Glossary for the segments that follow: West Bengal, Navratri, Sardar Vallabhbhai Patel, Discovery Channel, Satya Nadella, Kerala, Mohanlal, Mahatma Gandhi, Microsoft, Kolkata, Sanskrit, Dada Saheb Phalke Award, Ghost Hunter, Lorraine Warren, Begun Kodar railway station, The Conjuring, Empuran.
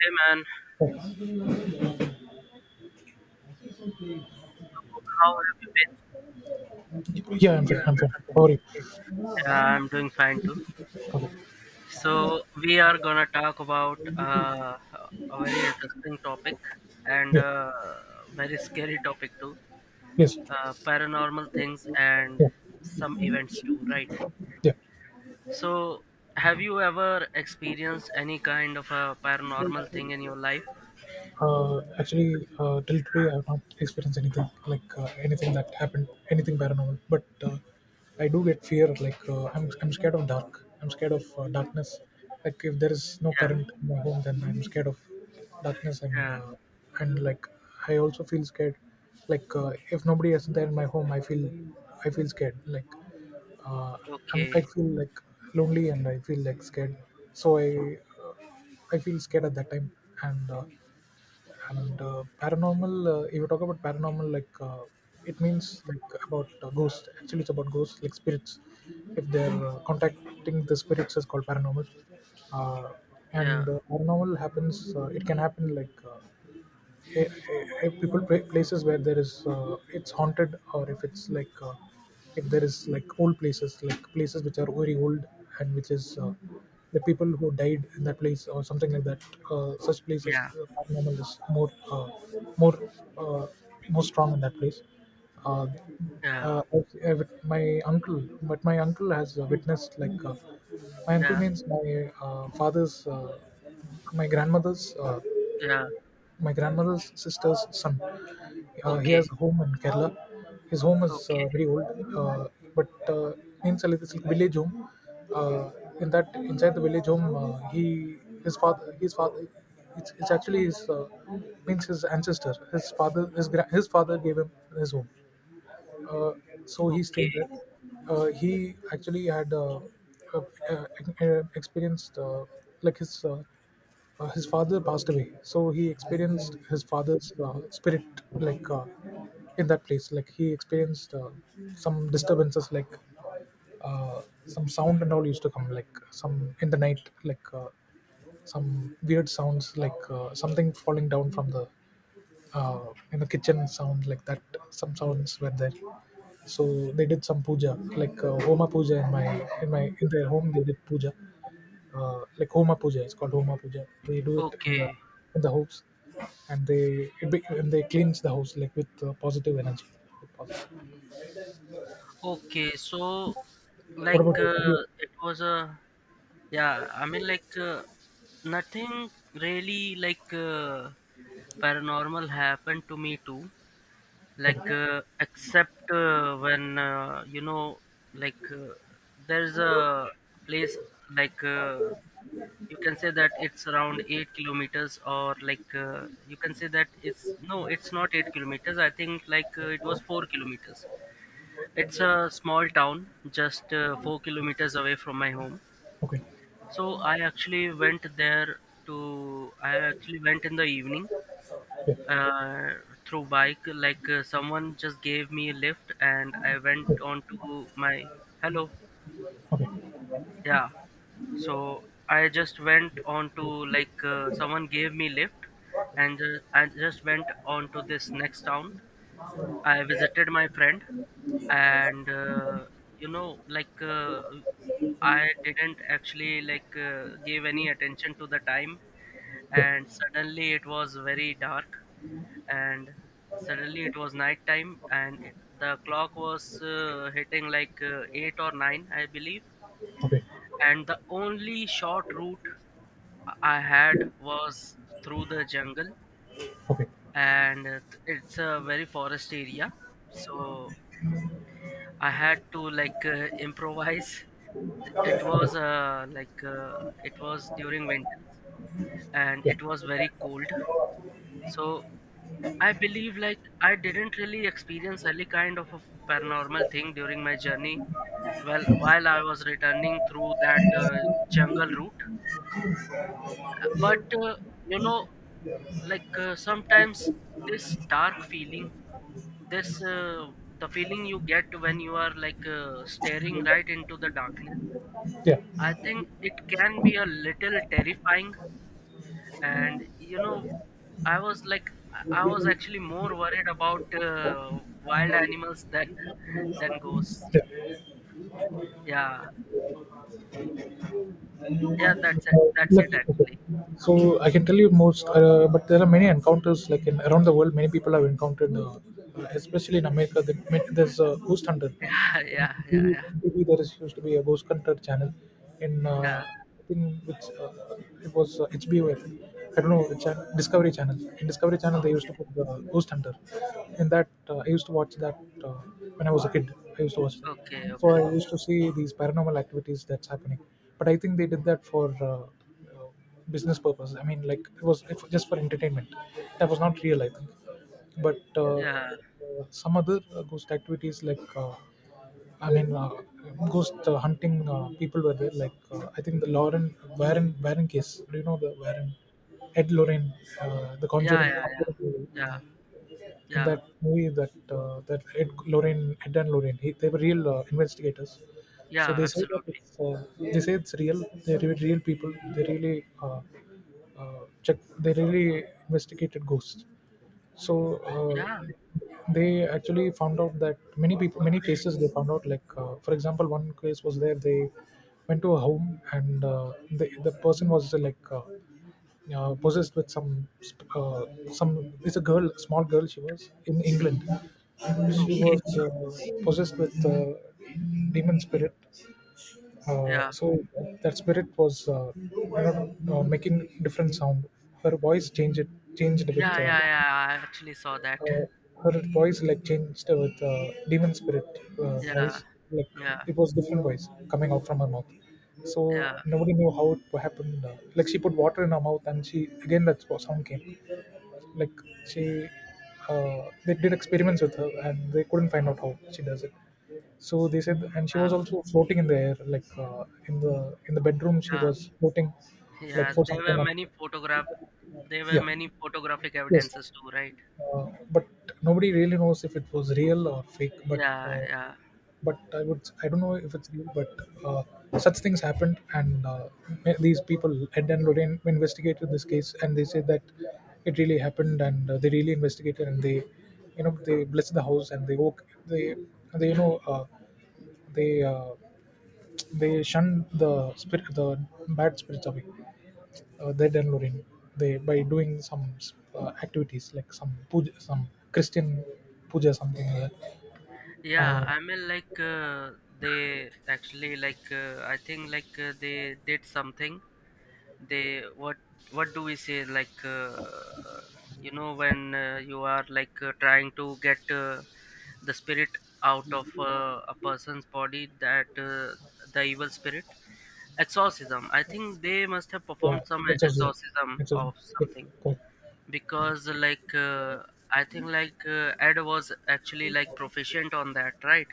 Hey man, Oh, how have you been? yeah, I'm fine. I'm fine. How are you? I'm doing fine too. Okay. So we are gonna talk about a very interesting topic and Yeah. uh, very scary topic too. Yes. Paranormal things and Yeah. some events too, right? Yeah. So have you ever experienced any kind of a paranormal thing in your life? Till today, I've not experienced anything anything that happened, anything paranormal. But I do get fear. I'm scared of dark. I'm scared of darkness. Like if there is no Yeah, current in my home, then I'm scared of darkness. Yeah, And like I also feel scared. If nobody is there in my home, I feel scared. Uh, I okay, feel like lonely and I feel like scared. So I feel scared at that time, and uh, and paranormal, if you talk about paranormal, it means like about ghosts. Actually it's about ghosts, like spirits. If they're Contacting the spirits is called paranormal. Uh, and yeah, Paranormal happens. It can happen like eh, eh, places where there is it's haunted, or if it's like, if there is like old places, like places which are very old and which is the people who died in that place or something like that. Such places, yeah, paranormal is more uh, more strong in that place. uh, yeah, my uncle, but my uncle has witnessed my uncle yeah, means my father's, my grandmother's, yeah. my grandmother's sister's son. He Okay, has a home in Kerala. His home is okay, very old, uh, but means like it's like village home. Uh, in that, inside the village home, he, his father, his father — it's actually his means his ancestor. His father, his his father gave him his home, uh, so he okay, stayed there. He actually had uh, uh, experienced like his father passed away, so he experienced his father's spirit in that place. Like he experienced some disturbances, like some sound and all used to come, like some in the night, like some weird sounds, like something falling down from the in the kitchen, sound like that. Some sounds were there, so they did some puja, like homa puja in my in my in their home. They did puja, like homa puja, it's called homa puja. They do it okay. In the house, and they cleanse the house like with positive energy, with positive. Okay, so What about you? Have you— it was a yeah, I mean nothing really paranormal happened to me too. Okay. Except when, like uh, there's a place like uh, you can say that it's around 8 kilometers or you can say that it's no it's not 8 kilometers I think it was 4 kilometers. It's a small town, just 4 kilometers away from my home. Okay. So I actually went there to. I actually went in the evening Yeah. uh, through bike. Someone just gave me a lift, and I went on to my. Hello. Okay. Yeah. So I just went on to someone gave me lift, and I just went on to this next town. I visited my friend, and you know, like uh, I didn't actually give any attention to the time, Yeah. and suddenly it was very dark, and suddenly it was night time, and the clock was hitting eight or nine, I believe, Okay. and the only short route I had was through the jungle, Okay. and it's a very forest area, so I had to improvise. It was Okay. It was during winter, and Yeah. it was very cold. So I believe like I didn't really experience any kind of a paranormal thing during my journey. Well, while I was returning through that jungle route, but you know, sometimes this dark feeling this the feeling you get when you are staring right into the darkness. Yeah. I think it can be a little terrifying, and you know, I was like, I was actually more worried about wild animals than than ghosts. Yeah. Yeah, yeah, that's it. That's it Like, okay. actually. So I can tell you most, but there are many encounters, like in around the world, many people have encountered, especially in America. There's a ghost hunter Yeah, in yeah, yeah, yeah, TV, there is, used to be, a ghost hunter channel in yeah. I think it was, HBO, think. I don't know, Discovery Channel. In Discovery Channel, they used Okay, to put Ghost Hunter. In that, I used to watch that uh, when I was a kid. I used to watch that. okay, So okay. I used to see these paranormal activities that's happening. But I think they did that for uh, business purpose. I mean, like it was, was just for entertainment. That was not real, I think. But Yeah, some other ghost activities, like I mean, uh, ghost hunting people were there. I think the Lauren Warren case. Do you know the Warren, Ed Lorraine, the yeah, Conjuring? yeah, yeah, Conjuring, yeah, in yeah, that movie, that Ed Lorraine, Ed and Lorraine, they were real investigators. So yeah. they say that Absolutely. They say it's real. They're real people. They really check. They really investigated ghosts, so Yeah. uh, they actually found out that many people, many cases, they found out, like, for example, one case was there. They went to a home and the person was possessed with some — it's a girl, small girl, she was in England. She Okay. was possessed with demon spirit. uh, Yeah, so that spirit was, you know, making different sound. Her voice changed, it changed with yeah, yeah, yeah. I actually saw that. uh, her voice like changed with demon spirit voice, Yeah, like yeah, it was different voice coming out from her mouth. So yeah, nobody knew how it happened. Like she put water in her mouth, and she again that sound came. Like she uh, they did experiments with her, and they couldn't find out how she does it. So they said, and she was yeah, also floating in the air, like, in the in the bedroom, she yeah. was floating like Yeah, for there some were time on— many photograph there were Yeah. many photographic Yes. evidences too, right? But nobody really knows if it was real or fake. But Yeah, uh, yeah. I would, I don't know if it's real, but uh, such things happened. And these people, Ed and Lorraine, investigated this case, and they said that it really happened. And they really investigated, and they, you know, they blessed the house, and they woke they they you know, they uh, they shunned the spirit, the bad spirits away. Their downloading they By doing some activities like some puja, some Christian puja, something like that. Yeah, Uh, I mean they actually I think they did something. They what do we say you know when you are trying to get the spirit out of a person's body that the evil spirit exorcism. I think they must have yeah, performed some exorcism, exorcism exorcism. of Yeah, something. correct. Because I think Ed was actually like proficient on that, right?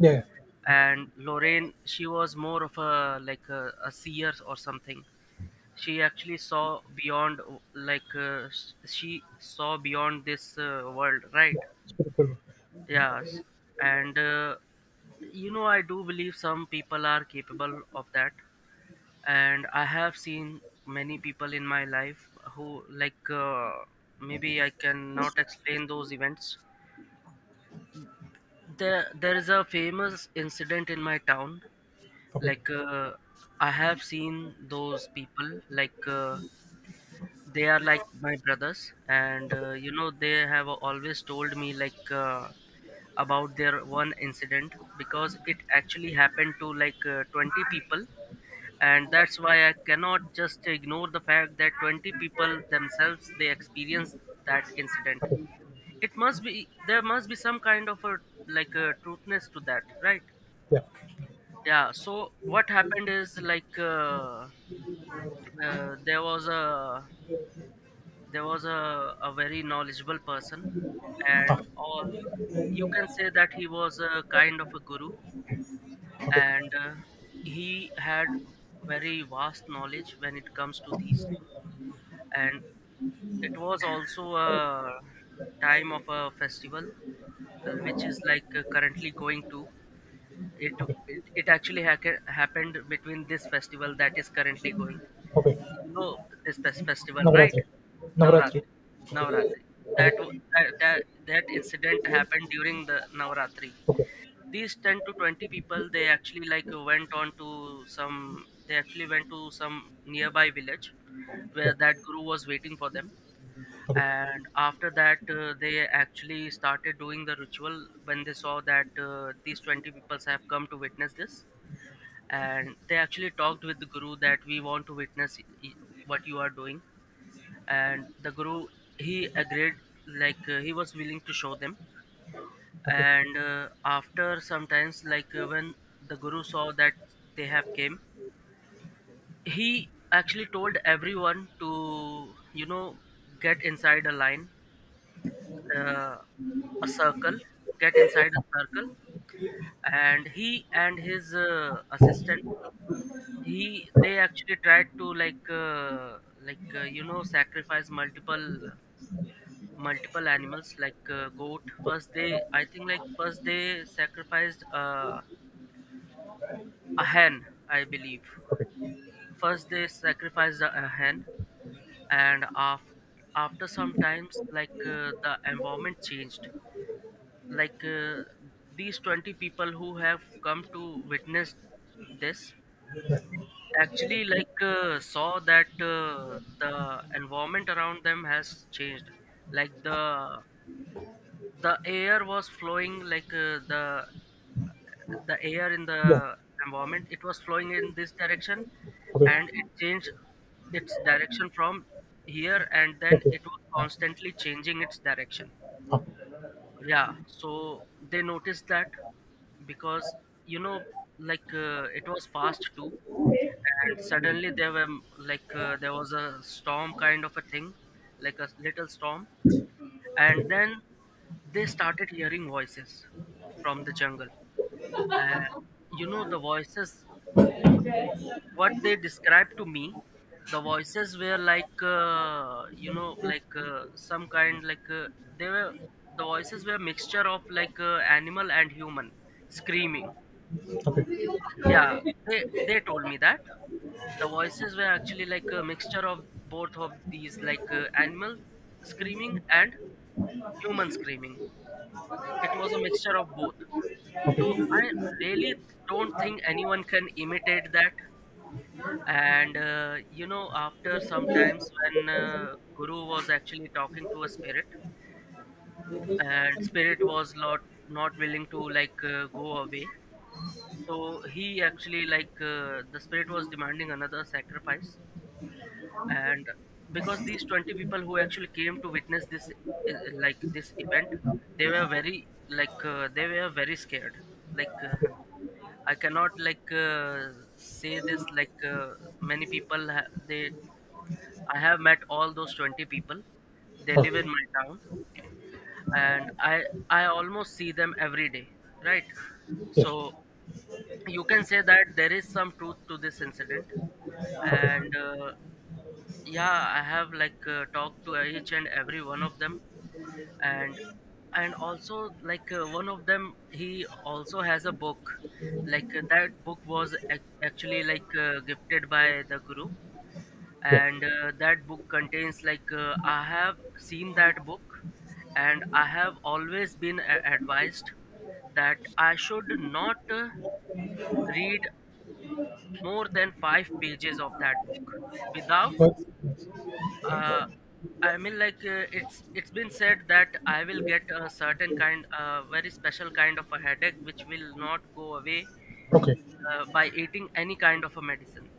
Yeah, yeah, And Lorraine, she was more of a like a seer or something. She actually saw beyond she saw beyond this world, right? yeah. Spiritual. Yes, and you know, I do believe some people are capable of that, and I have seen many people in my life who maybe I cannot explain those events. There is a famous incident in my town. Okay, Like, uh, I have seen those people. They are like my brothers, and they have always told me about their one incident, because it actually happened to 20 people, and that's why I cannot just ignore the fact that 20 people themselves they experienced that incident. It must be there must be some kind of a like a truthness to that, right? yeah. Yeah, so what happened is uh, there was a there was a very knowledgeable person, Ah, and or you can say that he was a kind of a guru. okay, And he had very vast knowledge when it comes to these things, and it was also a time of a festival, which is currently going to it. okay, It actually happened between this festival that is currently going, okay. you know, this festival, right? Navratri. Navratri. Navratri, Okay, okay, yeah, navratri, that that incident happened during the navratri. okay, These 10 to 20 people, they actually like went on to some they actually went to some nearby village where okay, that guru was waiting for them, okay, and after that they actually started doing the ritual. When they saw that these 20 people have come to witness this, and they actually talked with the guru that we want to witness what you are doing, and the guru, he agreed. He was willing to show them, and after sometimes when the guru saw that they have came, he actually told everyone to you know get inside a line, uh, a circle, get inside a circle. And he and his assistant, he they actually tried to you know, sacrifice multiple animals goat. First they I think like first they sacrificed a hen, I believe. First they sacrificed a hen, and after some times the environment changed. like uh, these 20 people who have come to witness this actually saw that the environment around them has changed. Like the air was flowing the air in yeah, the environment, it was flowing in this direction, okay, and it changed its direction from here, and then okay, it was constantly changing its direction. ah, Yeah, so they noticed that because you know it was fast too, and suddenly there were there was a storm kind of a thing, like a little storm, and then they started hearing voices from the jungle. uh, you know, the voices what they described to me, the voices were like you know like some kind like they were the voices were a mixture of animal and human screaming. Yeah, okay. They told me that the voices were actually like a mixture of both of these, animal screaming and human screaming. It was a mixture of both. So I really don't think anyone can imitate that. And you know, after some times when guru was actually talking to a spirit, and spirit was not not willing to go away, so he actually the spirit was demanding another sacrifice, and because these 20 people who actually came to witness this uh, like this event, they were very they were very scared, like. I cannot say this many people they I have met all those 20 people. They Ah, live in my town, and I almost see them every day, right? yes. So you can say that there is some truth to this incident, Okay. and yeah, I have talked to each and every one of them, and and also one of them, he also has a book. That book was actually gifted by the guru, Yeah. and that book contains I have seen that book, and I have always been advised that I should not read more than 5 pages of that book without What? uh, I mean, it's been said that I will get a certain kind, very special kind of a headache, which will not go away Okay. By eating any kind of a medicine.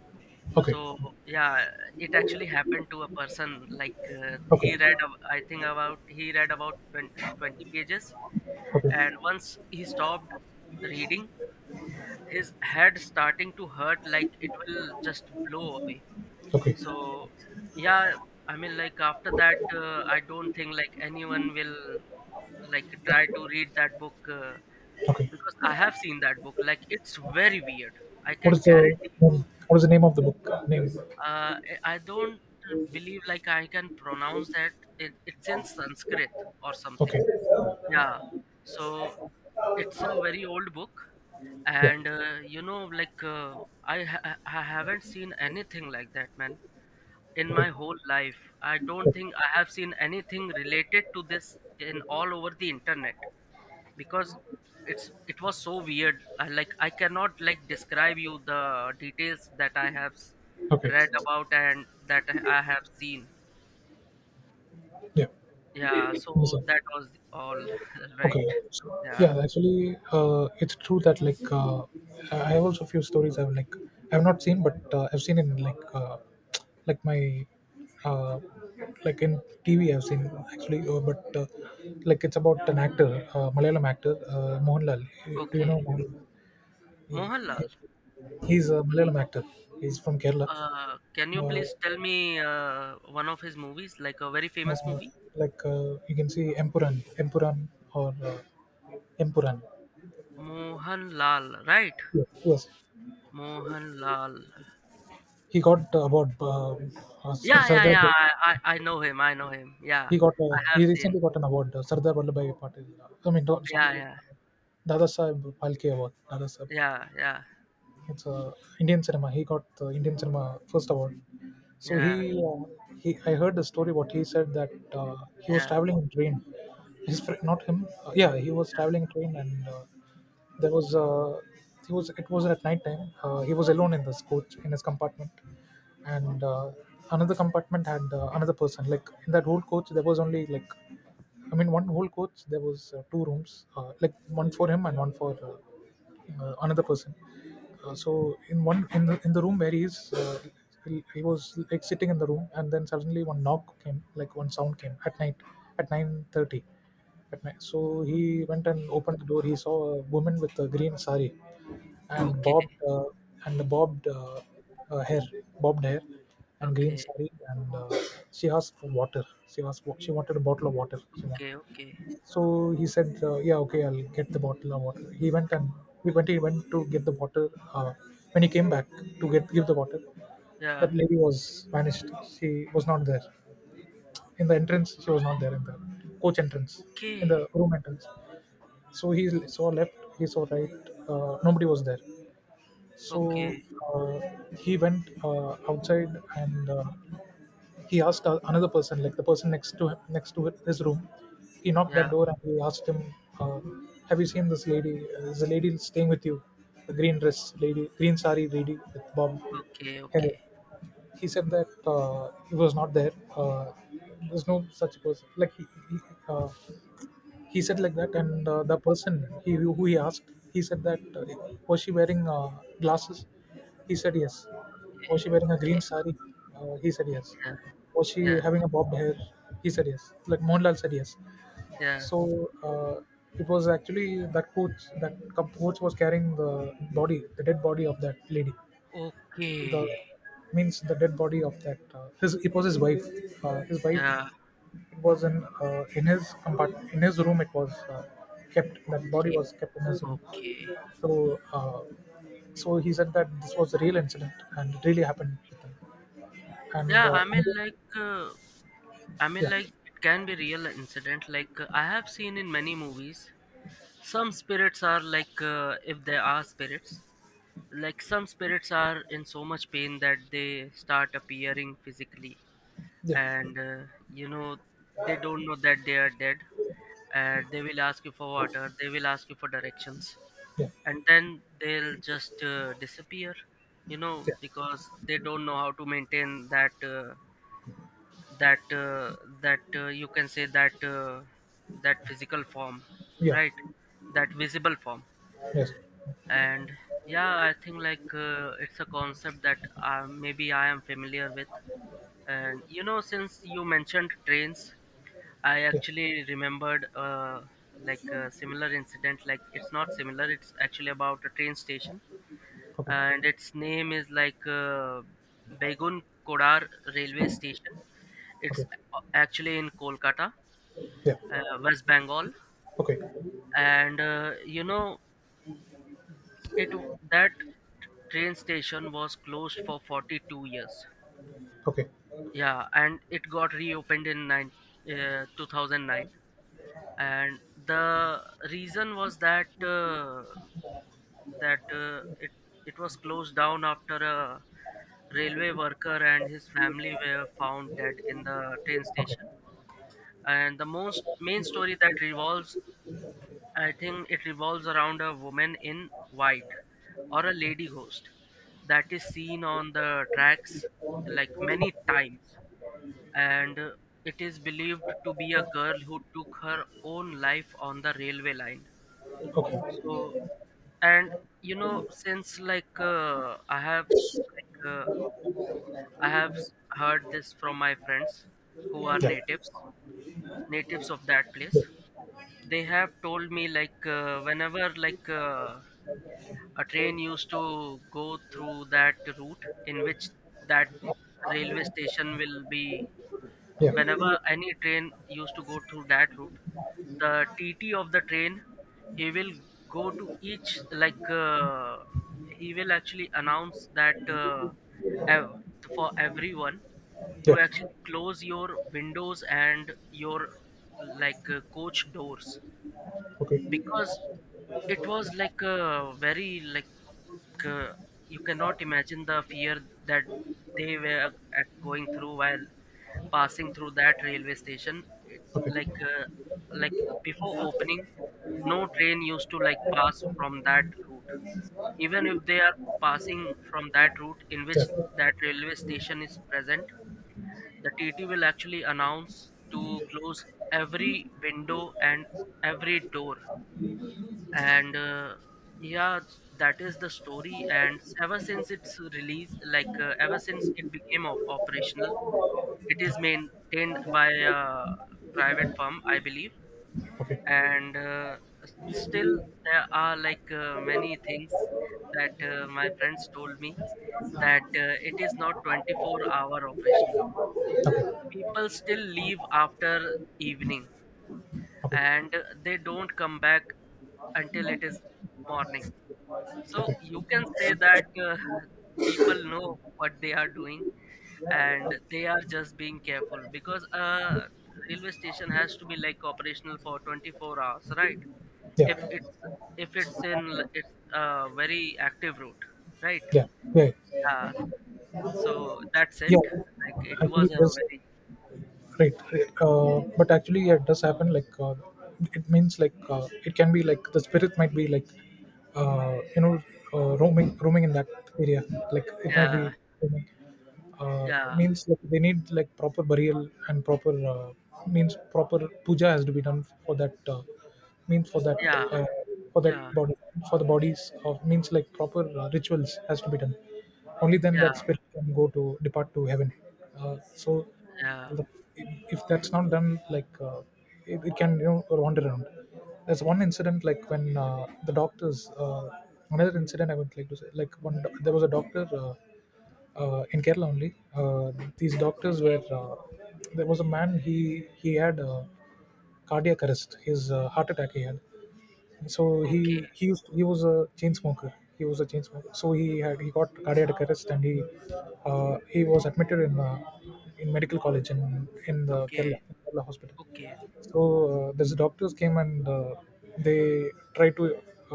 Okay. So yeah, it actually happened to a person. He Okay. read, ab- I think about he read about 20, 20 pages, and Okay. once he stopped reading, his head starting to hurt like it will just blow away. Okay. So, yeah, I mean, like after that, I don't think like anyone will like try to read that book, Okay. because I have seen that book. Like it's very weird. I What can is the guarantee you. what is the name of the book? Name. Uh, I don't believe like I can pronounce that. It, it's in Sanskrit or something. Okay. Yeah. So it's a very old book, Yeah. and I haven't seen anything like that, man, in my Okay. whole life. I don't Okay. think I have seen anything related to this in all over the internet because it was so weird. I, like I cannot like describe you the details that I have Okay. read about and that I have seen. Yeah. Yeah, so Understand. that was all right. Okay, so Yeah. yeah, actually, it's true that I have also few stories. I've like I've not seen, but I've seen in like, like my uh, like in TV I've seen, actually, but like it's about an actor, Malayalam actor, Mohanlal. Do you Okay. know Mohanlal? He, he, Mohanlal, he's a Malayalam actor. He's from Kerala. Can you Uh, please tell me one of his movies, like a very famous uh, movie? You can see Empuran, Empuran, or Empuran. Mohanlal, right? Yes. Yes. Mohanlal. He got award. Yeah, yeah, Sardar. yeah. I know him. I know him. Yeah, He got, I uh, have he seen. recently got an award. Sardar Vallabhbhai Patel — I mean, not Yeah, Sardar, yeah, Dada Saheb Phalke Award. Dada Saheb yeah, Phalke, yeah, it's a Indian cinema. He got the Indian cinema first award. So yeah, he, uh, he, I heard the story. What he said that he was yeah, traveling in train. His friend, not him. Yeah, he was yeah. traveling in train, and there was he was. It was at night time. He was alone in this coach, in his compartment, and another compartment had another person. Like in that whole coach, there was only like, I mean, one whole coach. There was two rooms, like one for him and one for another person. So in one in the room where he is, he was like sitting in the room, and then suddenly one knock came, like one sound came at night, at 9:30 at night. So he went and opened the door. He saw a woman with a green sari, and Okay, bobbed hair, bobbed hair, and green okay, sari, and she asked for water. She wanted a bottle of water. She wanted. okay, okay. So he said, "Yeah, okay, I'll get the bottle of water." He went and he went. He went to get the bottle. When he came back to get give the bottle, Yeah. that lady was vanished. She was not there in the entrance. She was not there in the coach entrance, in Okay. the room entrance. So he saw left. He saw right. Nobody was there. So Okay. uh, he went outside, and he asked another person, like the person next to him, next to his room. He knocked that Yeah. door and he asked him, uh, "Have you seen this lady? There's a lady staying with you, the green dress lady, green sari lady with bob Okay. hair." Okay. He said that he was not there. There's no such person. He, uh, he said like that, and the person, he who he asked, he said that, "Was she wearing glasses?" He said yes. "Was she wearing a Okay. green sari?" He said yes. Yeah. "Was she Yeah. having a bobbed hair?" He said yes. Like Mohanlal said yes. Yeah. So uh, it was actually, that coach, that coach was carrying the body, the dead body of that lady, the Okay. means the dead body of that his it was his wife, his Yeah. wife. It was in in his room. It was kept. That body Okay. was kept in his room. Okay. So uh, so he said that this was a real incident and it really happened with him. And Yeah. I mean, like, uh, I mean, yeah, like, it can be real incident. Like, I have seen in many movies, some spirits are like, if there are spirits, like some spirits are in so much pain that they start appearing physically yeah, and uh, you know they don't know that they are dead, and they will ask you for water, they will ask you for directions, yeah, and then they'll just disappear, yeah, because they don't know how to maintain that that uh, you can say that that physical form, yeah, right, that visible form. yes, And yeah, I think like it's a concept that maybe I am familiar with. And you know, since you mentioned trains, I yeah, actually remembered like a similar incident. Like, it's not similar, it's actually about a train station, okay, and its name is like Begun Kodar railway station. It's okay, actually in Kolkata, yeah, West Bengal. okay, And you know, that train station was closed for 42 years. okay, okay, Yeah, and it got reopened in 2009. And the reason was that that it it was closed down after a railway worker and his family were found dead in the train station. And the most main story that revolves, I think it revolves around a woman in white, or a lady ghost that is seen on the tracks like many times. And it is believed to be a girl who took her own life on the railway line. okay, So, and you know, since like heard this from my friends who are yeah, natives, natives of that place. They have told me like whenever like a train used to go through that route in which that railway station will be. yeah, Whenever yeah, any train used to go through that route, the TT of the train, he will go to each, like he will actually announce that ev- for everyone yeah, to actually close your windows and your, like coach doors, okay, because it was like a very like uh, you cannot imagine the fear that they were at, going through while passing through that railway station. It- okay, like uh, like Before opening, no train used to like pass from that route. Even if they are passing from that route in yeah. which that railway station is present, the TT will actually announce to close every window and every door. And yeah, that is the story. And ever since its release, like ever since it became operational, Okay. it is maintained by a private firm, I believe. Okay. And still there are like many things that my friends told me, that it is not 24-hour operational. People still leave after evening, Okay. and they don't come back until it is morning. So you can say that people know what they are doing and they are just being careful, because uh, railway station has to be like operational for 24 hours, right? Yeah. If it's, Yeah. It's a very active route, right? Yeah. Yeah. So that's it. Yeah. Like it Actually, was a there's very, Right, right. But actually, yeah, it does happen. It means, it can be like the spirit might be, uh, you know roaming in that area. Like it might yeah. be roaming. Yeah, Means like They need like proper burial and proper, means proper puja has to be done for that means yeah, uh, for that yeah, body. For the bodies of means like Proper rituals has to be done. Only then yeah, that spirit can go to depart to heaven. uh, so yeah, the, if that's not done, it can, you know, wander around. There's one incident like when the doctors Another incident I would like to say, like there was a doctor, in Kerala only. Uh, these doctors were Okay, There was a man. He had a cardiac arrest. His Heart attack he had. so he okay, he used he was a chain smoker. He was a chain smoker, so he got cardiac arrest and he was admitted in, in medical college, in in the okay, kerala Kerala hospital. okay. So these doctors came and, they try to,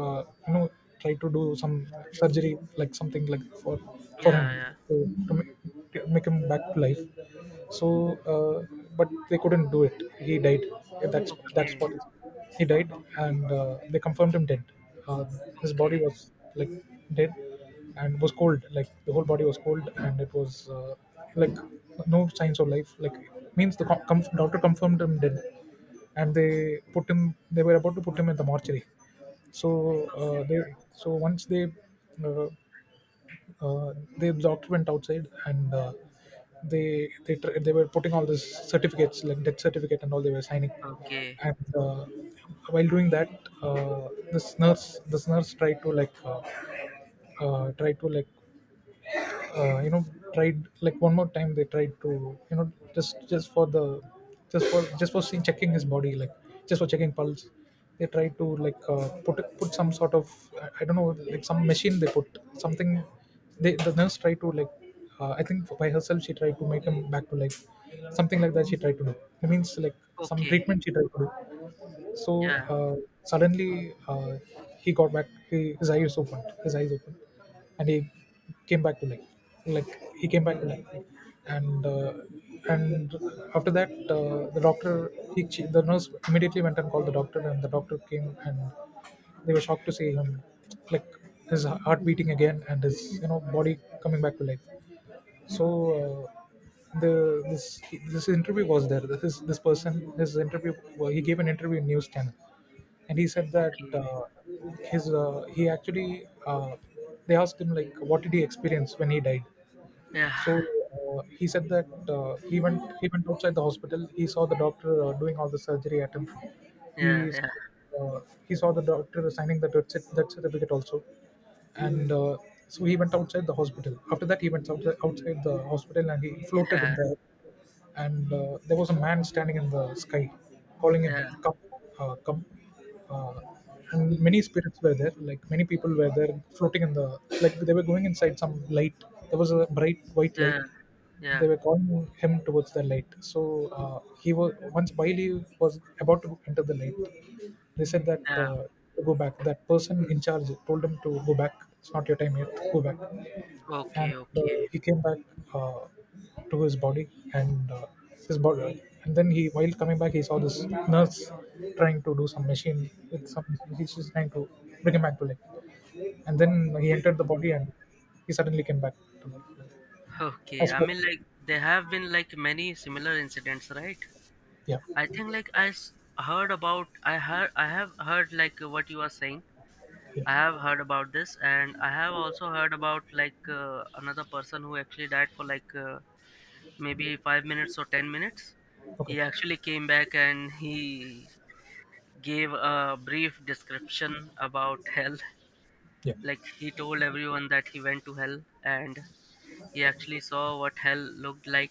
uh, you know try to do some surgery, like something, like for Yeah, him, yeah. to, to make, to make him back to life. so uh, but they couldn't do it. He died. Yeah, that's Okay, what. He died, and they confirmed him dead. uh, his body okay, was, like, dead, and it was cold. Like, the whole body was cold, and it was, like no signs of life. Like means the com- com- Doctor confirmed him dead, and they put him they were about to put him in the mortuary. so uh, okay. they so once they uh, uh, the doctor went outside, and, they were putting all these certificates, like death certificate and all, they were signing. Okay, And while doing that, uh, this nurse this nurse tried to, like tried to like you know tried, like, one more time. They tried to, you know, just for the just for seeing, checking his body, like just for checking pulse. They tried to, put some sort of, I don't know, like some machine. They put something. The nurse tried to, like, I think by herself, she tried to make him back to life, something like that she tried to do. It means like some okay, treatment she tried to do. So, yeah, uh, suddenly, uh, he got back. His eyes opened. His eyes opened and he came back to life. Like, he came back to life. And uh, and after that, the doctor, he, ch- the nurse immediately went and called the doctor, and the doctor came, and they were shocked to see him, like, his heart beating again and his, you know, body coming back to life. So, the this this interview was there. This is this person. His interview Well, he gave an interview in news channel, and he said that, okay, his he actually they asked him, like, what did he experience when he died. yeah, So, he said that, he went outside the hospital. He saw the doctor, doing all the surgery at him. yeah, He yeah, uh, he saw the doctor signing the death certificate also. And, so he went outside the hospital. After that, he went outside the hospital, and he floated in yeah, there. And there was a man standing in the sky, calling him, yeah, come, come. uh, and many spirits were there. Like, many people were there floating in the, like, they were going inside some light. There was a bright white yeah, light. They yeah, were calling him towards the light. So, he was, once bailey was, about to enter the light. They said that, yeah. To go back. That person in charge told him to go back. It's not your time yet, go back. And Okay, okay, he came back, uh, to his body. And, then he, while coming back, he saw this nurse trying to do some machine with some. She's trying to bring him back to life. And then he entered the body, okay, and he suddenly came back to life. okay. That's I what. mean, like, there have been like many similar incidents, right? Yeah, I think like heard about, I have heard like what you are saying. yeah, I have heard about this, and I have also heard about like another person who actually died for like maybe 5 minutes or 10 minutes. He okay, actually came back and he gave a brief description about hell. yeah, Like, he told everyone that he went to hell and he actually saw what hell looked like,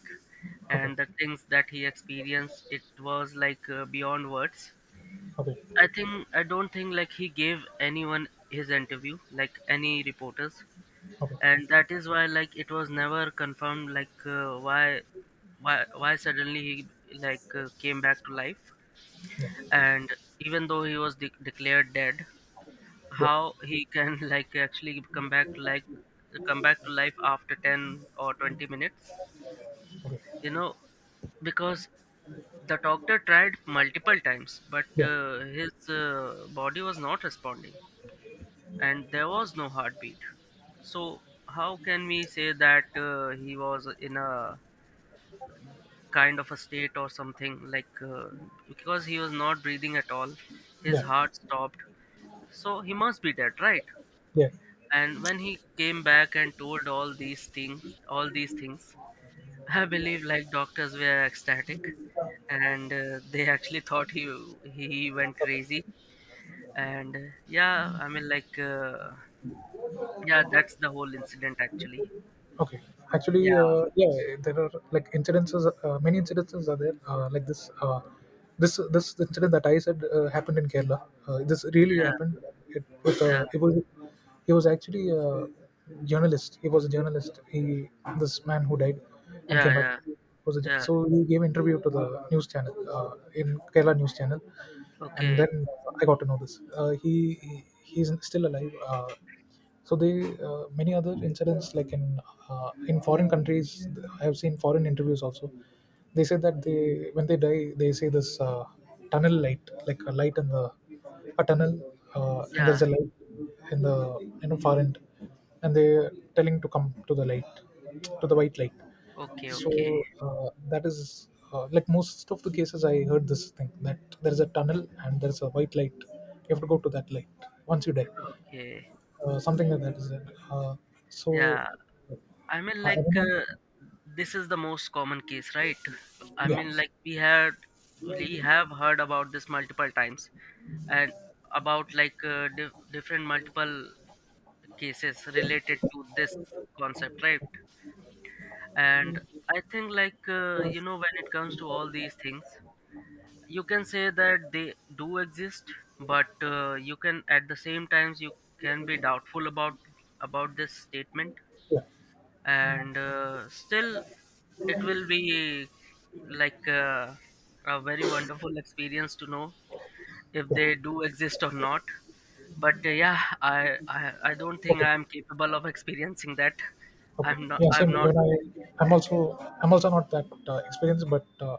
okay, and the things that he experienced. It was like beyond words. I okay, think, I don't think like he gave anyone his interview, like any reporters, okay, and that is why like it was never confirmed like why suddenly he, like came back to life, yeah, and even though he was declared dead, yeah, how he can like actually come back, like come back to life after 10 or 20 minutes, okay, you know. Because the doctor tried multiple times, but yeah, his body was not responding, and there was no heartbeat. So how can we say that he was in a kind of a state or something, like because he was not breathing at all, his yeah, heart stopped. So he must be dead, right? yeah, And when he came back and told all these things, all these things I believe like doctors were ecstatic, and they actually thought he went okay. crazy. And yeah, I mean, like yeah, that's the whole incident actually. Okay. Actually, Yeah, yeah, there are, like, incidences. Many incidences are there. Like this, this this incident that I said happened in Kerala. This really yeah, happened. It with, yeah, it was, he was actually a journalist. He was a journalist. He, this man who died and yeah, came back, yeah, was a, yeah. so he gave interview to the news channel, in Kerala news channel. And Okay. then I got to know this. He's still alive. So they, many other incidents, like in, in foreign countries. I have seen foreign interviews also. They say that they, when they die, they say this, tunnel light, like a light in the, a tunnel. And Yeah. there's a light in the, you know, far end, and they're telling to come to the light, to the white light. Okay, So, okay, that is like, most of the cases, I heard this thing that there's a tunnel and there's a white light. You have to go to that light once you die. okay. Something like that is it. Uh, so Yeah. I mean, I like don't know. This is the most common case, right? i Yeah. mean like we had we have heard about this multiple times, and about like different multiple cases related to this concept, right? And I think like you know, when it comes to all these things, you can say that they do exist, but you can, at the same times, you can be doubtful about, this statement. Yeah. And still, it will be like a very wonderful experience to know if they do exist or not. But yeah, I don't think Okay. I am capable of experiencing that. Okay. I'm not, Yeah. Same. You know, gonna experience that. I'm also not that experienced, but